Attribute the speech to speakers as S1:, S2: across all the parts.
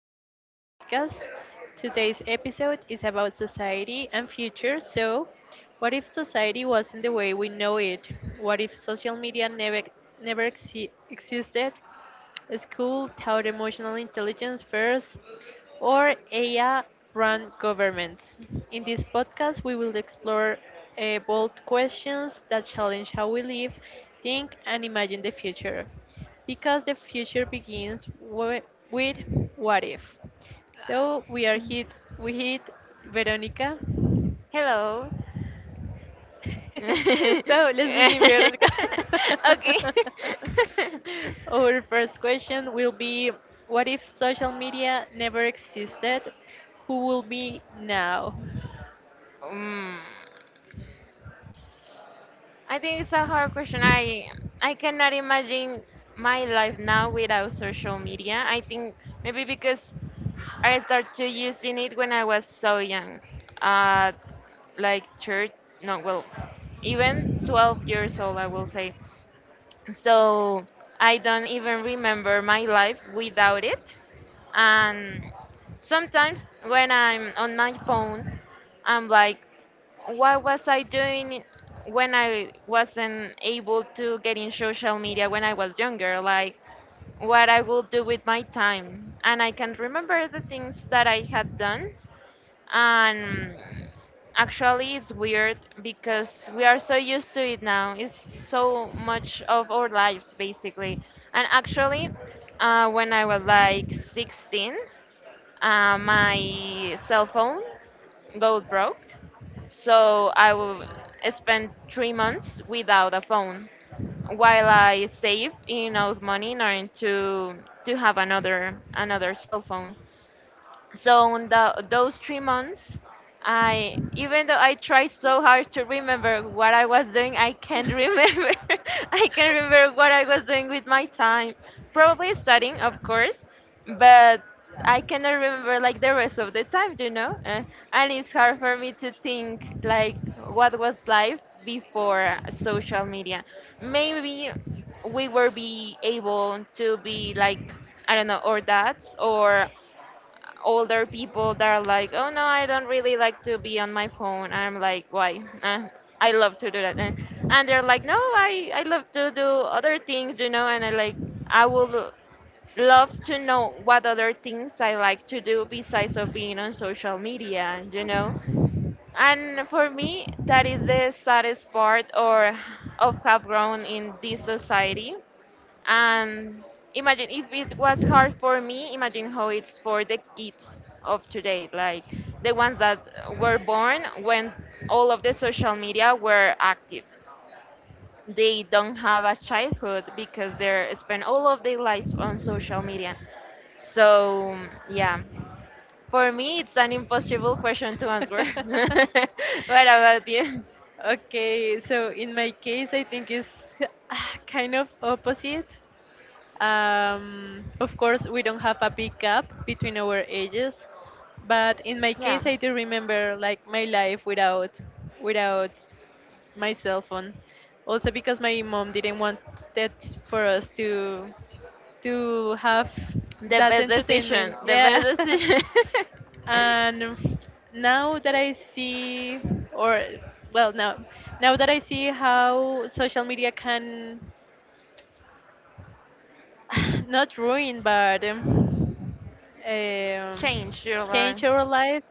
S1: our podcast. Today's episode is about society and future. So, what if society wasn't the way we know it? What if social media never existed? School taught emotional intelligence first, or AI run governments. In this podcast, we will explore bold questions that challenge how we live, think, and imagine the future. Because the future begins with what if. So we hit Veronica.
S2: Hello.
S1: So let's begin, Veronica.
S2: Okay.
S1: Our first question will be, what if social media never existed? Who will be now?
S2: um, I think it's a hard question. I cannot imagine my life now without social media. I think maybe because I started using it when I was so young. Uh, like church, no, well, even 12 years old, I will say. So I don't even remember my life without it. And sometimes when I'm on my phone, I'm like, what was I doing when I wasn't able to get in social media when I was younger, like what I will do with my time? And I can remember the things that I had done. And actually, it's weird because we are so used to it now. It's so much of our lives, basically. And actually, when I was like 16, my cell phone got broke. So spend 3 months without a phone while I save enough money in order to have another cell phone. So in those 3 months, I, even though I try so hard to remember what I was doing, I can't remember. I can't remember what I was doing with my time. Probably studying, of course, but I cannot remember like the rest of the time. And it's hard for me to think like what was life before social media. Maybe we were be able to be like, I don't know, or that, or older people that are like, oh no, I don't really like to be on my phone. I'm like, why? I love to do that. And they're like, no, I love to do other things, you know. And I like, I would love to know what other things I like to do besides of being on social media. And for me, that is the saddest part or of have grown in this society. And imagine if it was hard for me, imagine how it's for the kids of today, like the ones that were born when all of the social media were active. They don't have a childhood because they spend all of their lives on social media. So, yeah, for me, it's an impossible question to answer. What about you? So, so in
S1: Okay, so in my case, I think it's kind of opposite. Of course, we don't have a big gap between our ages, but in my case, I do remember like my life without my cell phone. Also because my mom didn't want that for us to have
S2: Have the a
S1: that
S2: best decision.
S1: entertainment.
S2: Decision.
S1: Yeah.
S2: The decision. And
S1: And now that I see, or well, now that I see how social media can not ruin, but um,
S2: change your,
S1: change our life.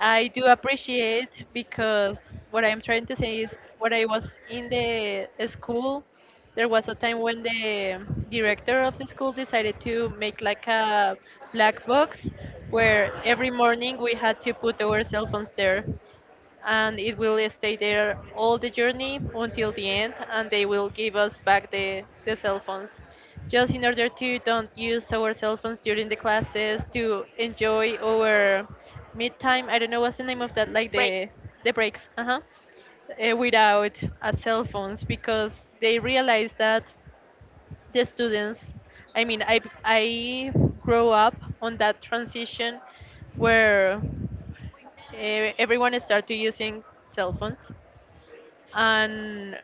S1: I do appreciate because what I'm trying to say is when I was in the school, there was a time when the director of the school decided to make like a black box where every morning we had to put our cell phones there, and it will stay there all the journey until the end, and they will give us back the cell phones, just in order to don't use our cell phones during the classes, to enjoy our mid time. I don't know what's the name of that, like the breaks. Uh-huh. Without cell phones, because they realize that the students, I mean, I grow up on that transition where everyone started using cell phones, and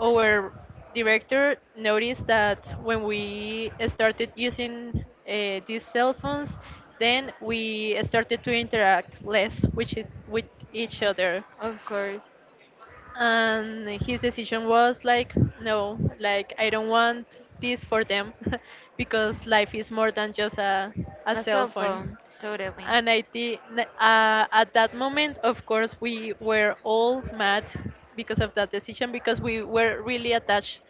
S1: our director noticed that when we started using these cell phones, then we started to interact less, which is with each other.
S2: of course.
S1: And his decision was like, no, like I don't want this for them, because life is more than just a
S2: A
S1: cell
S2: cell
S1: phone.
S2: phone, totally.
S1: And I think at that moment, of course, we were all mad because of that decision, because we were really attached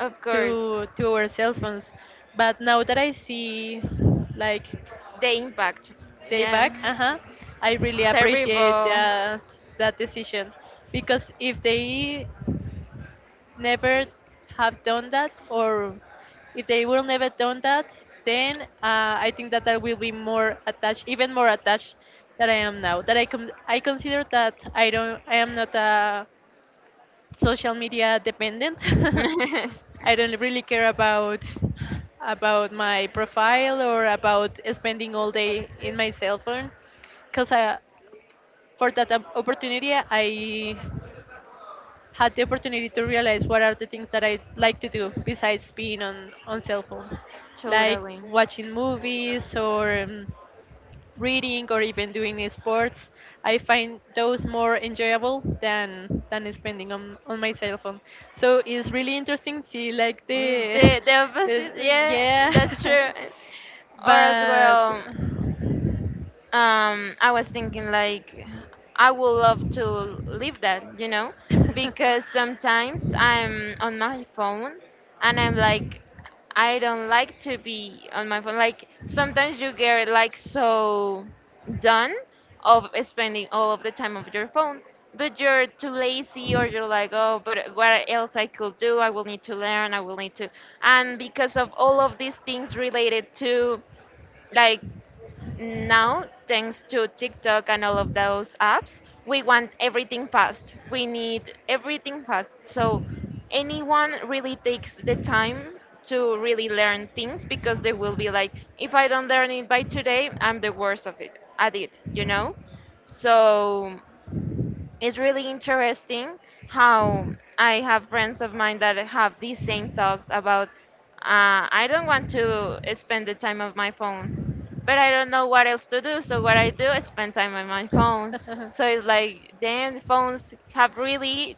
S2: Of course,
S1: to our cell phones. But now that I see like
S2: the impact.
S1: day
S2: Yeah,
S1: back, uh huh, I really appreciate
S2: terrible.
S1: that that decision, because if they never have done that, or if they will never done that, then I think that I will be more attached, even more attached than I am now, that I consider that I am not a social media dependent. I don't really care about my profile, or about spending all day in my cell phone. Because for that opportunity, I had the opportunity to realize what are the things that I like to do besides being on cell phone, like
S2: Totally.
S1: watching movies, or reading, or even doing sports. I find those more enjoyable than spending on my cell phone. So it's really interesting to see like
S2: Mm,
S1: the,
S2: the
S1: the
S2: opposite, yeah,
S1: yeah,
S2: that's true. Or as
S1: but.
S2: well. I was thinking like I would love to leave that, because sometimes I'm on my phone and I'm like, I don't like to be on my phone. Like sometimes you get like so done of spending all of the time of your phone, but you're too lazy or you're like, oh, but what else I could do? I will need to learn. I will need to, and because of all of these things related to like now, thanks to TikTok and all of those apps, we want everything fast. We need everything fast. So anyone really takes the time to really learn things because they will be like, if I don't learn it by today, I'm the worst of it at it, you know? So it's really interesting how I have friends of mine that have these same thoughts about I don't want to spend the time on my phone, but I don't know what else to do. So what I do is spend time on my phone. So it's like then phones have really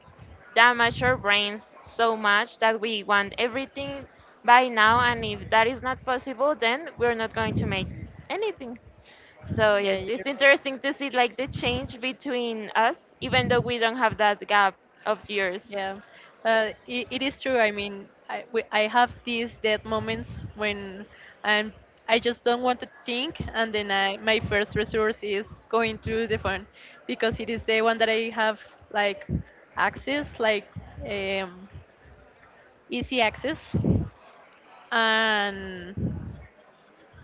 S2: damaged our brains so much that we want everything by now, and if that is not possible, then we're not going to make anything. So
S1: Yeah,
S2: yes,
S1: you're
S2: it's interesting to see like the change between us, even though we don't have that gap of years.
S1: yeah, it is true. I mean, I have these dead moments when I'm I just don't want to think, and then I my first resource is going to the phone, because it is the one that I have, like access, like um, easy access. And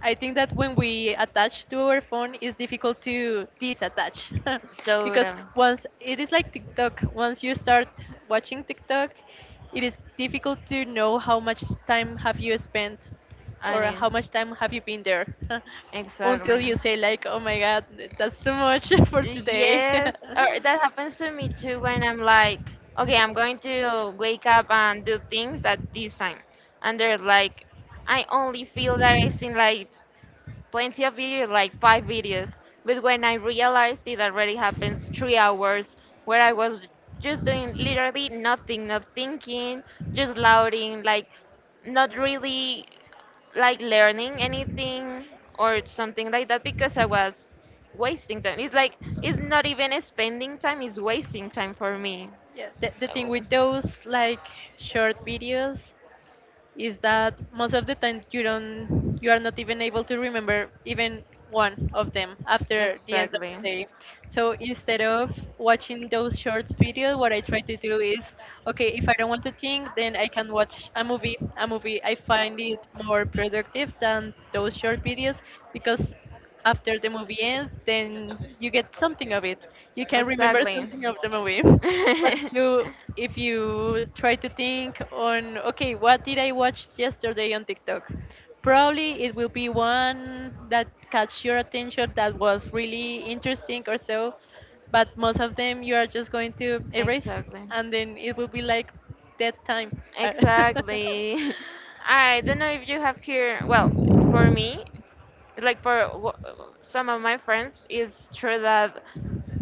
S1: I think that when we attach to our phone, it's difficult to disattach. Because
S2: Total.
S1: once it is like TikTok, once you start watching TikTok, it is difficult to know how much time have you spent,
S2: I
S1: or
S2: mean,
S1: how much time have you been there.
S2: exactly.
S1: Until you say like, oh my god, that's too much for today.
S2: Yes, or that happens to me too when I'm like, okay, I'm going to wake up and do things at this time. And they're like, I only feel that it's in like plenty of videos, like five videos. But when I realized it already happens 3 hours where I was just doing literally nothing, not thinking, just louding, like not really like learning anything or something like that because I was wasting time. It's like it's not even spending time, it's wasting time for me.
S1: Yeah. The thing
S2: Oh.
S1: with those like short videos is that most of the time you are not even able to remember even one of them after the end of
S2: Exactly.
S1: the day. So instead of watching those short videos, what I try to do is, okay, if I don't want to think, then I can watch a movie. A movie, I find it more productive than those short videos, because after the movie ends, then you get something of it. You can remember
S2: Exactly.
S1: something of the movie. But if you try to think on, okay, what did I watch yesterday on TikTok? Probably it will be one that catch your attention, that was really interesting or so, but most of them you are just going to erase,
S2: Exactly.
S1: and then it will be like dead time.
S2: Exactly. I don't know if you have here. Well, for me, like some of my friends, it's true that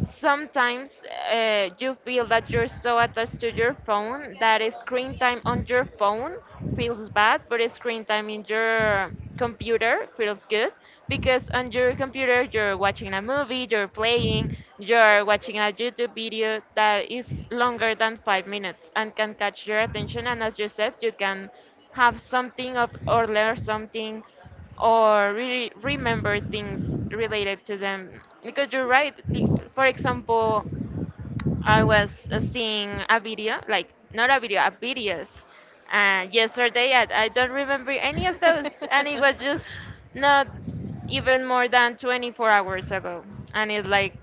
S2: sometimes you feel that you're so attached to your phone that a screen time on your phone feels bad, but a screen time in your computer feels good because on your computer you're watching a movie, you're playing, you're watching a YouTube video that is longer than 5 minutes and can catch your attention. And as you said, you can have something of or learn something or really remember things related to them because you're right for example I was seeing a video, like not a video, a videos, yesterday. And I don't remember any of those, and it was just not even more than 24 hours ago. And it's like,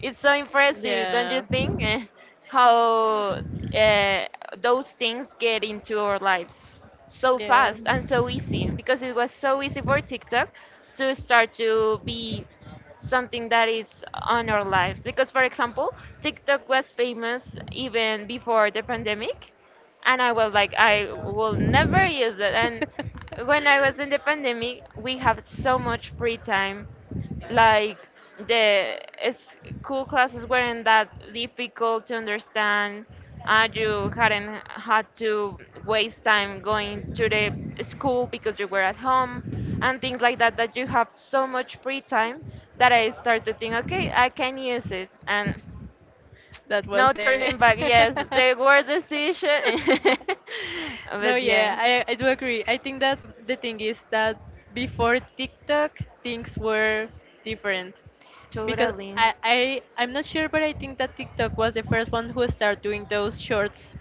S2: it's so impressive, don't you think? How uh, those things get into our lives so fast and so easy because it was so easy for TikTok to start to be something that is on our lives. Because, for example, TikTok was famous even before the pandemic, and I was like, I will never use it. And when I was in the pandemic, we have so much free time like the school classes weren't that difficult to understand. You hadn't had to waste time going to the school because you were at home and things like that. That you have so much free time that I started to think, okay, I can use it, and
S1: That was
S2: no
S1: the.
S2: turning back. Yes, the word decision,
S1: No,
S2: but yeah.
S1: yeah, I do agree. I think that the thing is that before TikTok, things were different. Because
S2: Totally.
S1: I'm not sure, but I think that TikTok was the first one who started doing those shorts.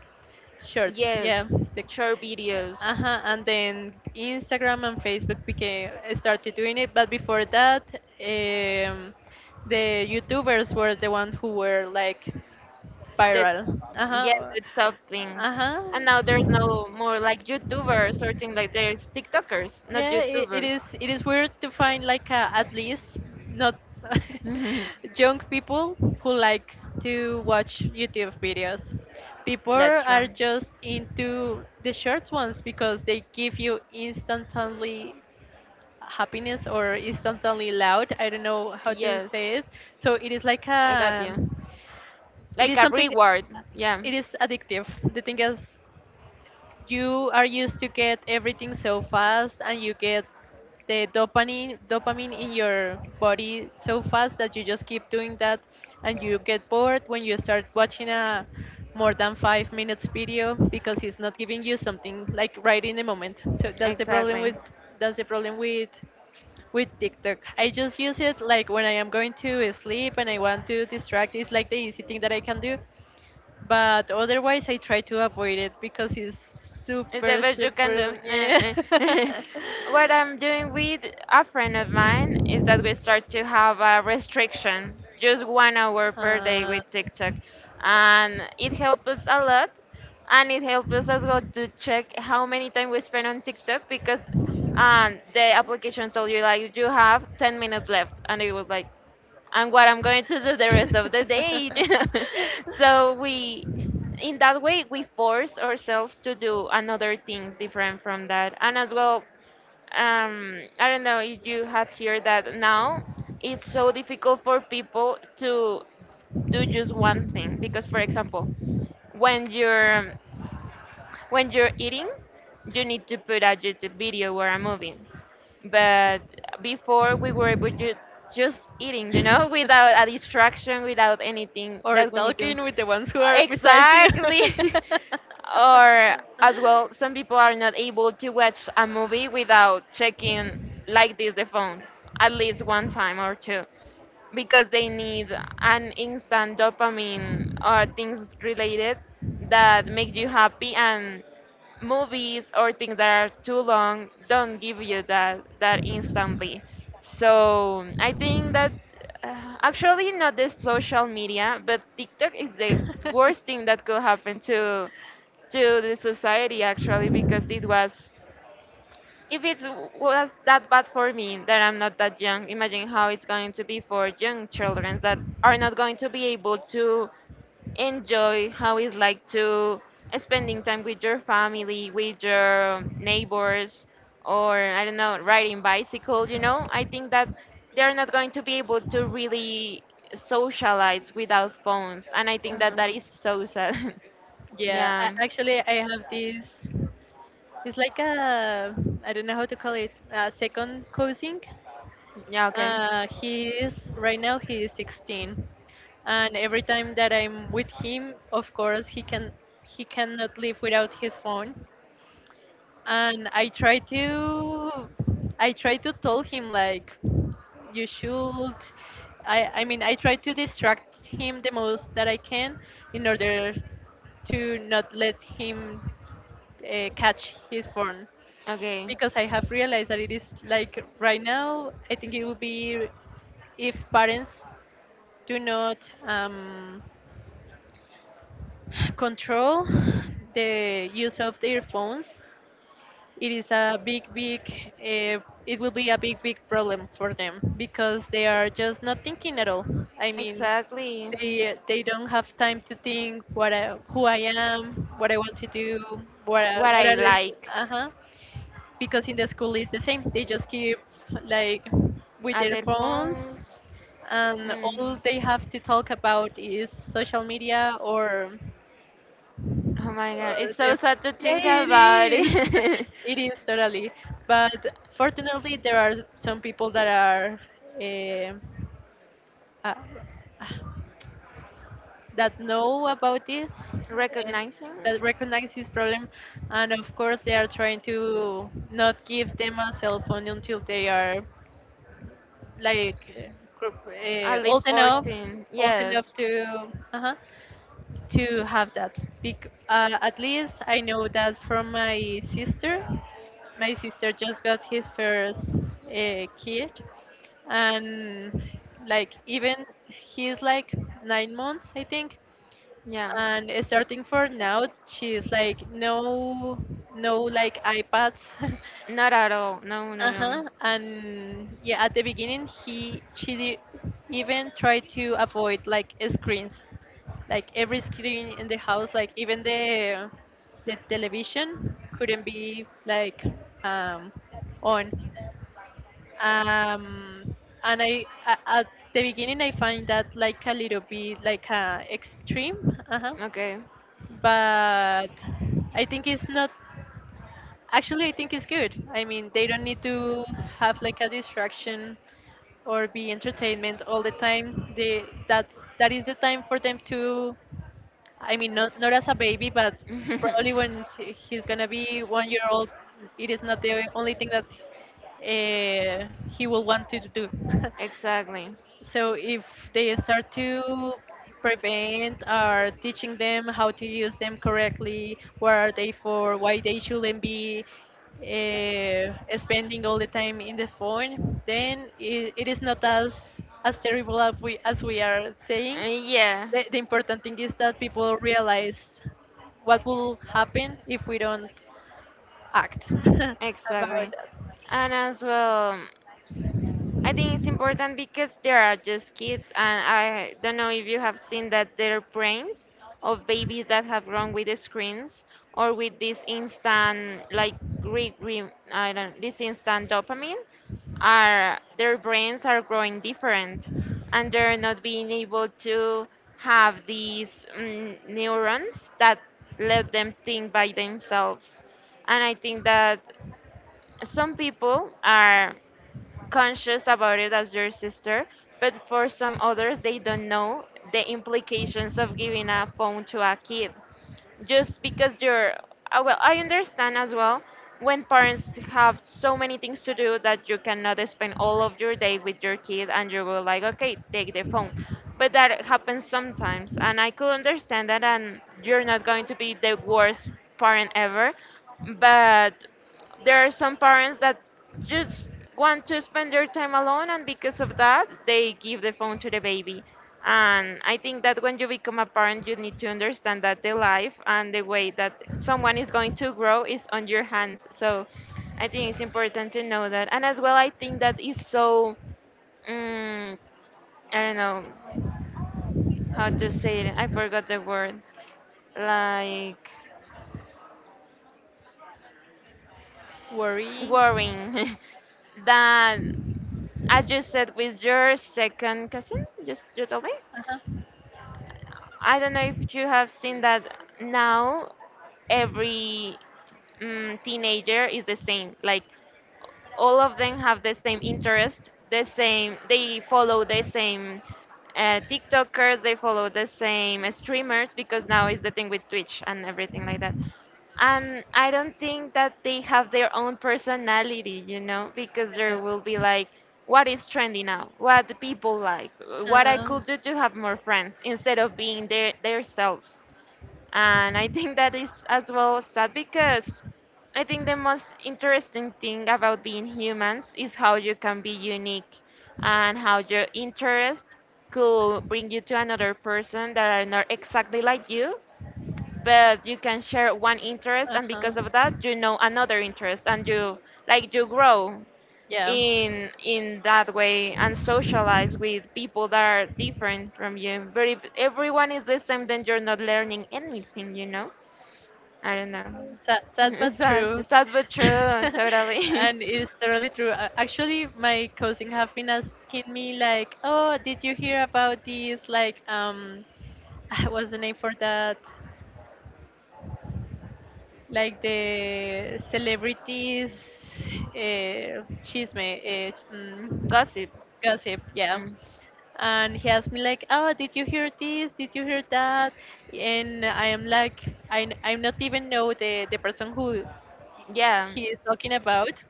S1: Shorts,
S2: Yes,
S1: yeah. The,
S2: short videos.
S1: uh-huh, and then Instagram and Facebook became started doing it, but before that, um, the YouTubers were the one who were like
S2: The,
S1: viral.
S2: yeah,
S1: Uh-huh.
S2: the top things.
S1: Uh-huh.
S2: And now there's no more like YouTubers or things like there's TikTokers, not
S1: Yeah, it
S2: YouTubers.
S1: is. It is weird to find like at least not young people who likes to watch YouTube videos. People
S2: That's
S1: are
S2: true.
S1: just into the short ones because they give you instantly happiness or instantly loud. I don't know how to
S2: Yes,
S1: say it. So it is like
S2: I got
S1: a.
S2: you.
S1: It
S2: Like
S1: is
S2: a
S1: something.
S2: reward. Yeah.
S1: It is addictive. The thing is you are used to get everything so fast, and you get the dopamine in your body so fast that you just keep doing that, and you get bored when you start watching a more than 5 minute video, because it's not giving you something like right in the moment. So
S2: Exactly.
S1: that's the problem with TikTok. I just use it like when I am going to sleep and I want to distract. It's like the easy thing that I can do, but otherwise I try to avoid it because it's
S2: It's the
S1: super
S2: best you can
S1: super
S2: do.
S1: yeah.
S2: Eh. What I'm doing with a friend of mine is that we start to have a restriction, just 1 hour per day with TikTok. And it helps us a lot. And it helps us as well to check how many time
S1: uh,
S2: we spend on TikTok because the application told you like you have 10 minutes left. And it was like, and what I'm going to do the rest of the day. You know. So we, in that way, we force ourselves to do another things different from that. And as well, I don't know if you have heard that now it's so difficult for people to do just one thing because, for example, when you're when you're eating, you need to put a YouTube video or a movie, but before we were able to just eating without a distraction, without anything
S1: Or
S2: that we need to
S1: talking with the ones who are besides you.
S2: exactly. Or as well, some people are not able to watch a movie without checking like this the phone at least one time or two because they need an instant dopamine or things related that make you happy. And movies or things that are too long don't give you that that instantly. So I think that actually not the social media but TikTok is the worst thing that could happen to the society actually because it was if it was that bad for me that I'm not that young, imagine how it's going to be for young children that are not going to be able to enjoy how it's like to spending time with your family, with your neighbors, or I don't know, riding bicycle. You know, I think that they're not going to be able to really socialize without phones, and I think that that
S1: Um,
S2: is so sad.
S1: yeah,
S2: Yeah.
S1: actually, I have this. It's like a, I don't know how to call it, a second cousin.
S2: Yeah. Okay.
S1: He is 16, and every time that I'm with him, of course he cannot live without his phone, and I try to tell him like, you should, I mean I try to distract him the most that I can in order to not let him catch his phone.
S2: Okay.
S1: Because I have realized that it is like right now, I think it would be, if parents do not um, control the use of their phones, it is a uh, it will be a big, big problem for them, because they are just not thinking at all. I mean,
S2: Exactly.
S1: they don't have time to think what I, who I am, what I want to do, what are they,
S2: Like.
S1: uh huh, because in the school it's the same. They just keep like
S2: Uh-huh.
S1: with
S2: And
S1: their
S2: other
S1: phones,
S2: phones.
S1: and
S2: Mm.
S1: all they have to talk about is social media
S2: Oh my god,
S1: or
S2: it's so
S1: their friends.
S2: sad to
S1: Yeah,
S2: think about
S1: it
S2: it. It
S1: is.
S2: is totally,
S1: It is totally. But fortunately, there are some people that are eh, uh,
S2: are
S1: that know about this, eh,
S2: recognizing
S1: that recognize this problem, and of course, they are trying to not give them a cell phone until they are like
S2: at
S1: old
S2: least
S1: enough,
S2: 14,
S1: old
S2: yes.
S1: enough to uh to have that big, at least I know that, from my sister, my sister just got his first kid, and like even he's like 9 months I think.
S2: Yeah.
S1: And starting for now she's like, no, no like iPads.
S2: Not at all. No, no, no.
S1: Uh-huh. And yeah, at the beginning he she even tried to avoid like screens. Like every screen in the house, like even the television couldn't be like um on. Um and at the beginning I find that like a little bit like extreme. Uh-huh.
S2: Okay.
S1: But I think it's not actually, I think it's good. I mean, they don't need to have like a distraction or be entertainment all the time. They That's that is the time for them to, I mean, not as a baby, but probably when he's gonna be 1 year old, it is not the only thing that uh, he will want to do.
S2: Exactly.
S1: So if they start to prevent or teaching them how to use them correctly, what are they for, why they shouldn't be spending all the time in the phone, then it is not as as terrible as we are saying.
S2: Yeah,
S1: The important thing is that people realize what will happen if we don't act about
S2: exactly.
S1: that.
S2: And as well. I think it's important because they are just kids, and I don't know if you have seen that their brains of babies that have grown with the screens or with this instant, like, re, re, I don't, this instant dopamine, are their brains are growing different, and they're not being able to have these mm, neurons that let them think by themselves. And I think that some people are conscious about it as your sister, but for some others, they don't know the implications of giving a phone to a kid. Just because you're, I understand as well when parents have so many things to do that you cannot spend all of your day with your kid and you will like, okay, take the phone. But that happens sometimes, and I could understand that, and you're not going to be the worst parent ever, but there are some parents that just want to spend their time alone, and because of that they give the phone to the baby. And I think that when you become a parent, you need to understand that the life and the way that someone is going to grow is on your hands. So I think it's important to know that. And as well, I think that is so, mm, I don't know how to say it, I forgot the word, like
S1: Worry.
S2: worrying. That, as you said, with your second cousin, just you told me.
S1: Uh-huh.
S2: I don't know if you have seen that now every teenager is the same. Like, all of them have the same interest, the same, they follow the same tiktokers, they follow the same streamers because now is the thing with Twitch and everything like that. And I don't think that they have their own personality, you know, because
S1: Yeah.
S2: there will be like what is trendy now, what the people like, what I
S1: Uh-huh.
S2: could do to have more friends instead of being their themselves. And I think that is as well sad because I think the most interesting thing about being humans is how you can be unique and how your interest could bring you to another person that are not exactly like you, but you can share one interest
S1: Uh
S2: and because
S1: huh.
S2: of that you know another interest, and you like you grow
S1: Yeah.
S2: in that way and socialize with people that are different from you. But if everyone is the same, then you're not learning anything, you know? I don't know.
S1: Sad, sad but
S2: Sad,
S1: true.
S2: sad but true, totally.
S1: And it is totally true. Actually, my cousin have been asking me like, "Oh, did you hear about this? Like, what's the name for that? Like the celebrities, uh, chisme, uh, ch- mm,
S2: Gossip.
S1: gossip, yeah."
S2: Mm.
S1: And he asked me like, "Oh, did you hear this? Did you hear that?" And I am like, I'm not even know the person who
S2: Yeah.
S1: he is talking about.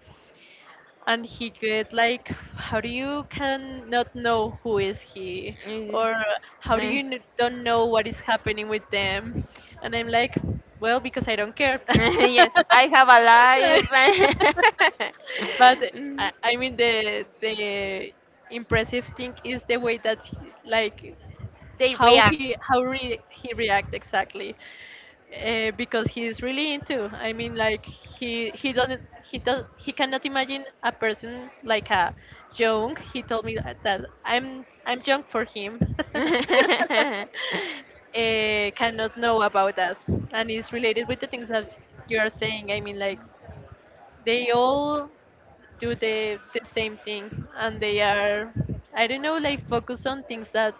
S1: And he get like, "How do you can not know who is he,
S2: Eh,
S1: or how do you
S2: eh.
S1: don't know what is happening with them?" And I'm like, well, because I don't care.
S2: Yes, I have a
S1: Like,
S2: life.
S1: but
S2: Mm.
S1: I mean the impressive thing is the way that he, like,
S2: They
S1: how
S2: react.
S1: he he react exactly, because he's really into, I mean, like, he doesn't he does he cannot imagine a person like a young, he told me that that I'm young for him cannot know about that. And it's related with the things that you are saying, I mean, like, they all do the same thing, and they are, I don't know, like, focus on things that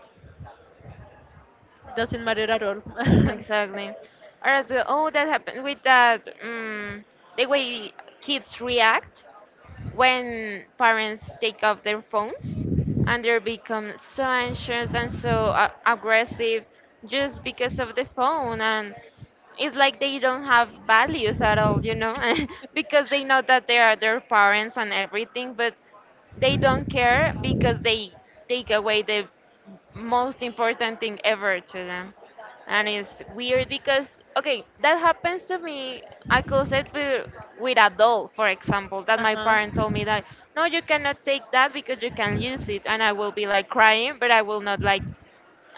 S1: doesn't matter at all.
S2: Exactly. Or as well, oh, that happened with that, the way kids react when parents take off their phones, and they become so anxious and so aggressive just because of the phone. And it's like they don't have values at all, you know, because they know that they are their parents and everything, but they don't care because they take away the most important thing ever to them. And it's weird because, okay, that happens to me, I could say, with a doll, for example, that my
S1: Uh-huh.
S2: parent told me that, no, you cannot take that because you can use it. And I will be like crying, but I will not like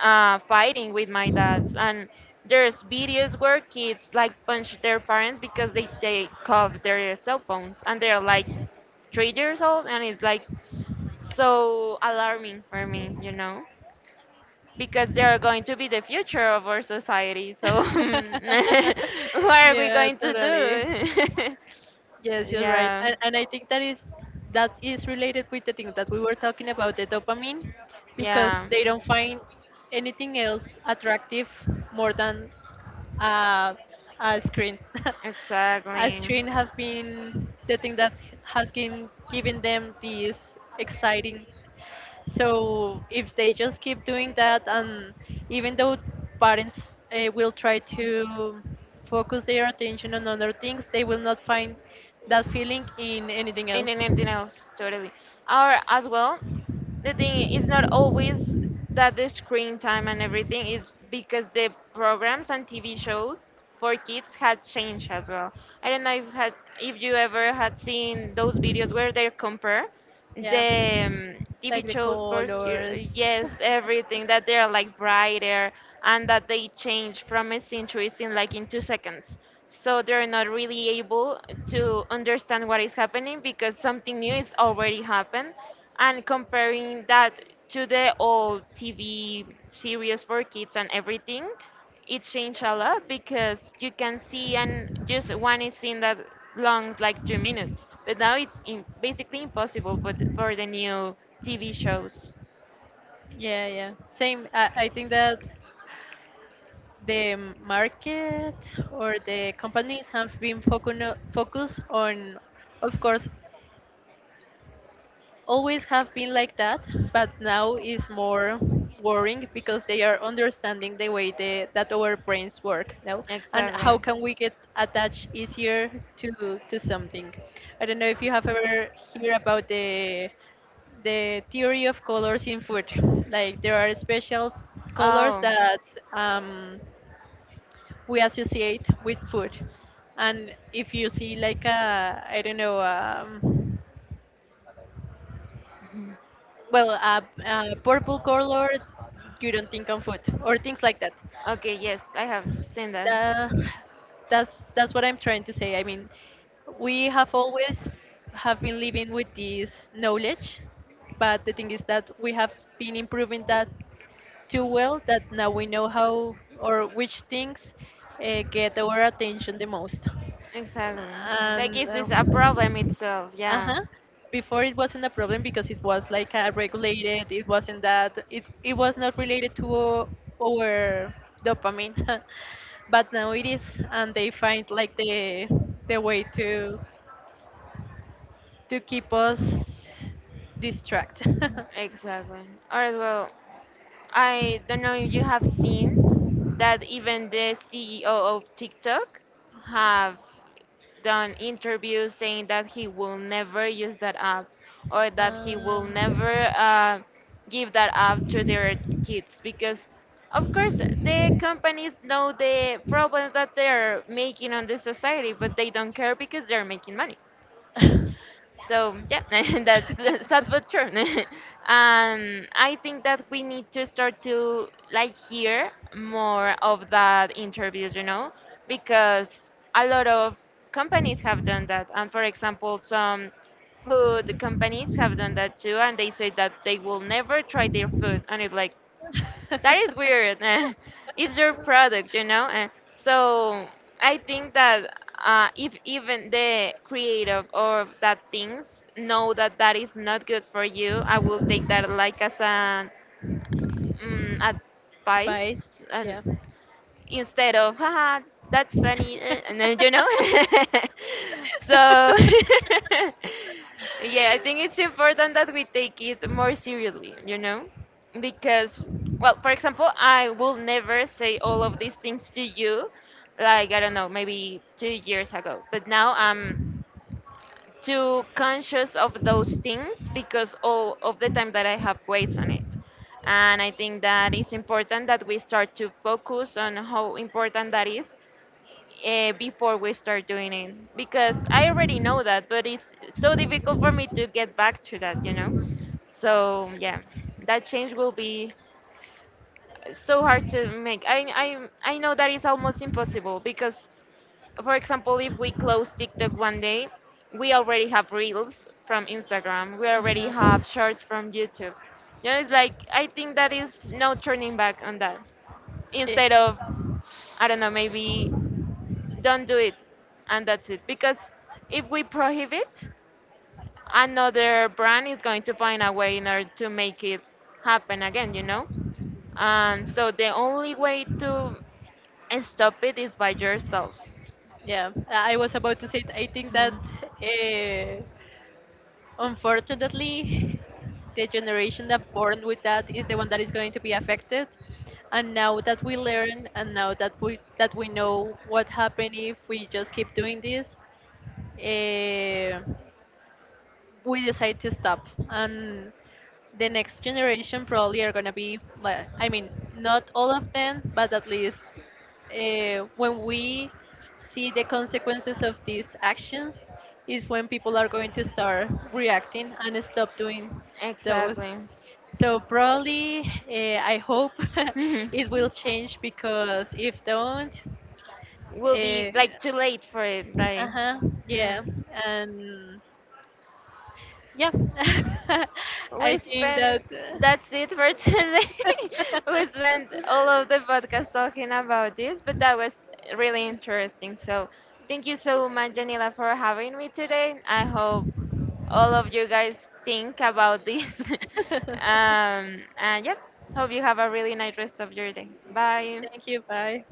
S2: fighting with my dads. And there's videos where kids like punch their parents because they take off their cell phones, and they're like 3 years old, and it's like so alarming for me, you know, because they're going to be the future of our society. So what are we
S1: Yeah,
S2: going to
S1: totally.
S2: do?
S1: Yes, you're right,
S2: Yeah.
S1: and I think that is related with the thing that we were talking about, the dopamine, because
S2: Yeah.
S1: they don't find anything else attractive more than uh, a screen. A
S2: Exactly.
S1: screen has been the thing that has been giving them this exciting, so if they just keep doing that, and even though parents will try to focus their attention on other things, they will not find that feeling in anything
S2: And
S1: else.
S2: anything else, totally. Or as well, the thing is not always that the screen time and everything is because the programs and TV shows for kids had changed as well. I don't know if had, if you ever had seen those videos where they compare
S1: Yeah,
S2: the TV
S1: like the
S2: shows for
S1: colors.
S2: ki-, yes, everything that they're like brighter and that they change from a scene to a scene like in 2 seconds, so they're not really able to understand what is happening because something new is already happened. And comparing that to the old TV series for kids and everything, it changed a lot because you can see and just one is in that long, like 2 minutes, but now it's in, basically impossible for the new TV shows.
S1: Yeah, yeah. Same. I think that the market or the companies have been focus on, of course, always have been like that, but now is more worrying because they are understanding the way they, that our brains work now, and how
S2: Exactly.
S1: can we get attached easier to something. I don't know if you have ever heard about the theory of colors in food. Like, there are special colors
S2: Oh,
S1: that, um, we associate with food, and if you see like a, I don't know. Well, purple color, you don't think on food or things like that.
S2: okay, yes, I have seen that.
S1: The, that's what I'm trying to say. I mean, we have always have been living with this knowledge, but the thing is that we have been improving that too well, that now we know how or which things get our attention the most.
S2: Exactly. Like,
S1: And
S2: is this a problem itself? Yeah.
S1: uh-huh, before it wasn't a problem because it was like a regulated, it wasn't that it was not related to our dopamine, but now it is, and they find like the way to keep us distracted.
S2: Exactly. All right, well, I don't know if you have seen that even the CEO of TikTok have done interviews saying that he will never use that app or that he will
S1: um,
S2: never give that app to their kids because of course the companies know the problems that they're making on the society, but they don't care because they're making money. So yeah, that's sad but true. And I think that we need to start to like hear more of that interviews, you know, because a lot of companies have done that. And for example, some food companies have done that too, and they say that they will never try their food, and it's like that is
S1: but
S2: weird. Eh. It's your product, you know. Eh. So I think that if even the creative of that things know that that is not good for you, I will take that like as an advice.
S1: yeah.
S2: And instead of haha, that's funny, eh," and then. So yeah, I think it's important that we take it more seriously, you know, because, well, for example, I will never say all of these things to you, like I don't know, maybe 2 years ago, but now I'm too conscious of those things because all of the time that I have waste on it. And I think that it's important that we start to focus on how important that is before we start doing it. Because I already know that, but it's so difficult for me to get back to that, you know? So, yeah, that change will be so hard to make. I know that it's almost impossible because, for example, if we close TikTok one day, we already have reels from Instagram. We already have shorts from YouTube. You know, it's like I think that is no turning back on that. Instead of, I don't know, maybe don't do it, and that's it. Because if we prohibit, another brand is going to find a way in order to make it happen again. You know, and so the only way to stop it is by yourself.
S1: Yeah, I was about to say, it. I think that,
S2: Mm.
S1: uh, unfortunately, the generation that born with that is the one that is going to be affected. And now that we learn, and now that we know what happened if we just keep doing this, uh, we decide to stop, and the next generation probably are going to be like, I mean, not all of them, but at least, when we see the consequences of these actions is when people are going to start reacting and stop doing those.
S2: Exactly.
S1: So probably, I hope
S2: Mhm.
S1: it will change, because if don't,
S2: Will be
S1: uh,
S2: like too late for it. Like,
S1: uh-huh, yeah.
S2: mm.
S1: And yeah, I
S2: We
S1: think that.
S2: spent. That's it for today. We spent all of the podcast talking about this, but that was really interesting. So, thank you so much, Janila, for having me today. I hope all of you guys think about this. And yep, hope you have a really nice rest of your day. Bye.
S1: Thank you. Bye.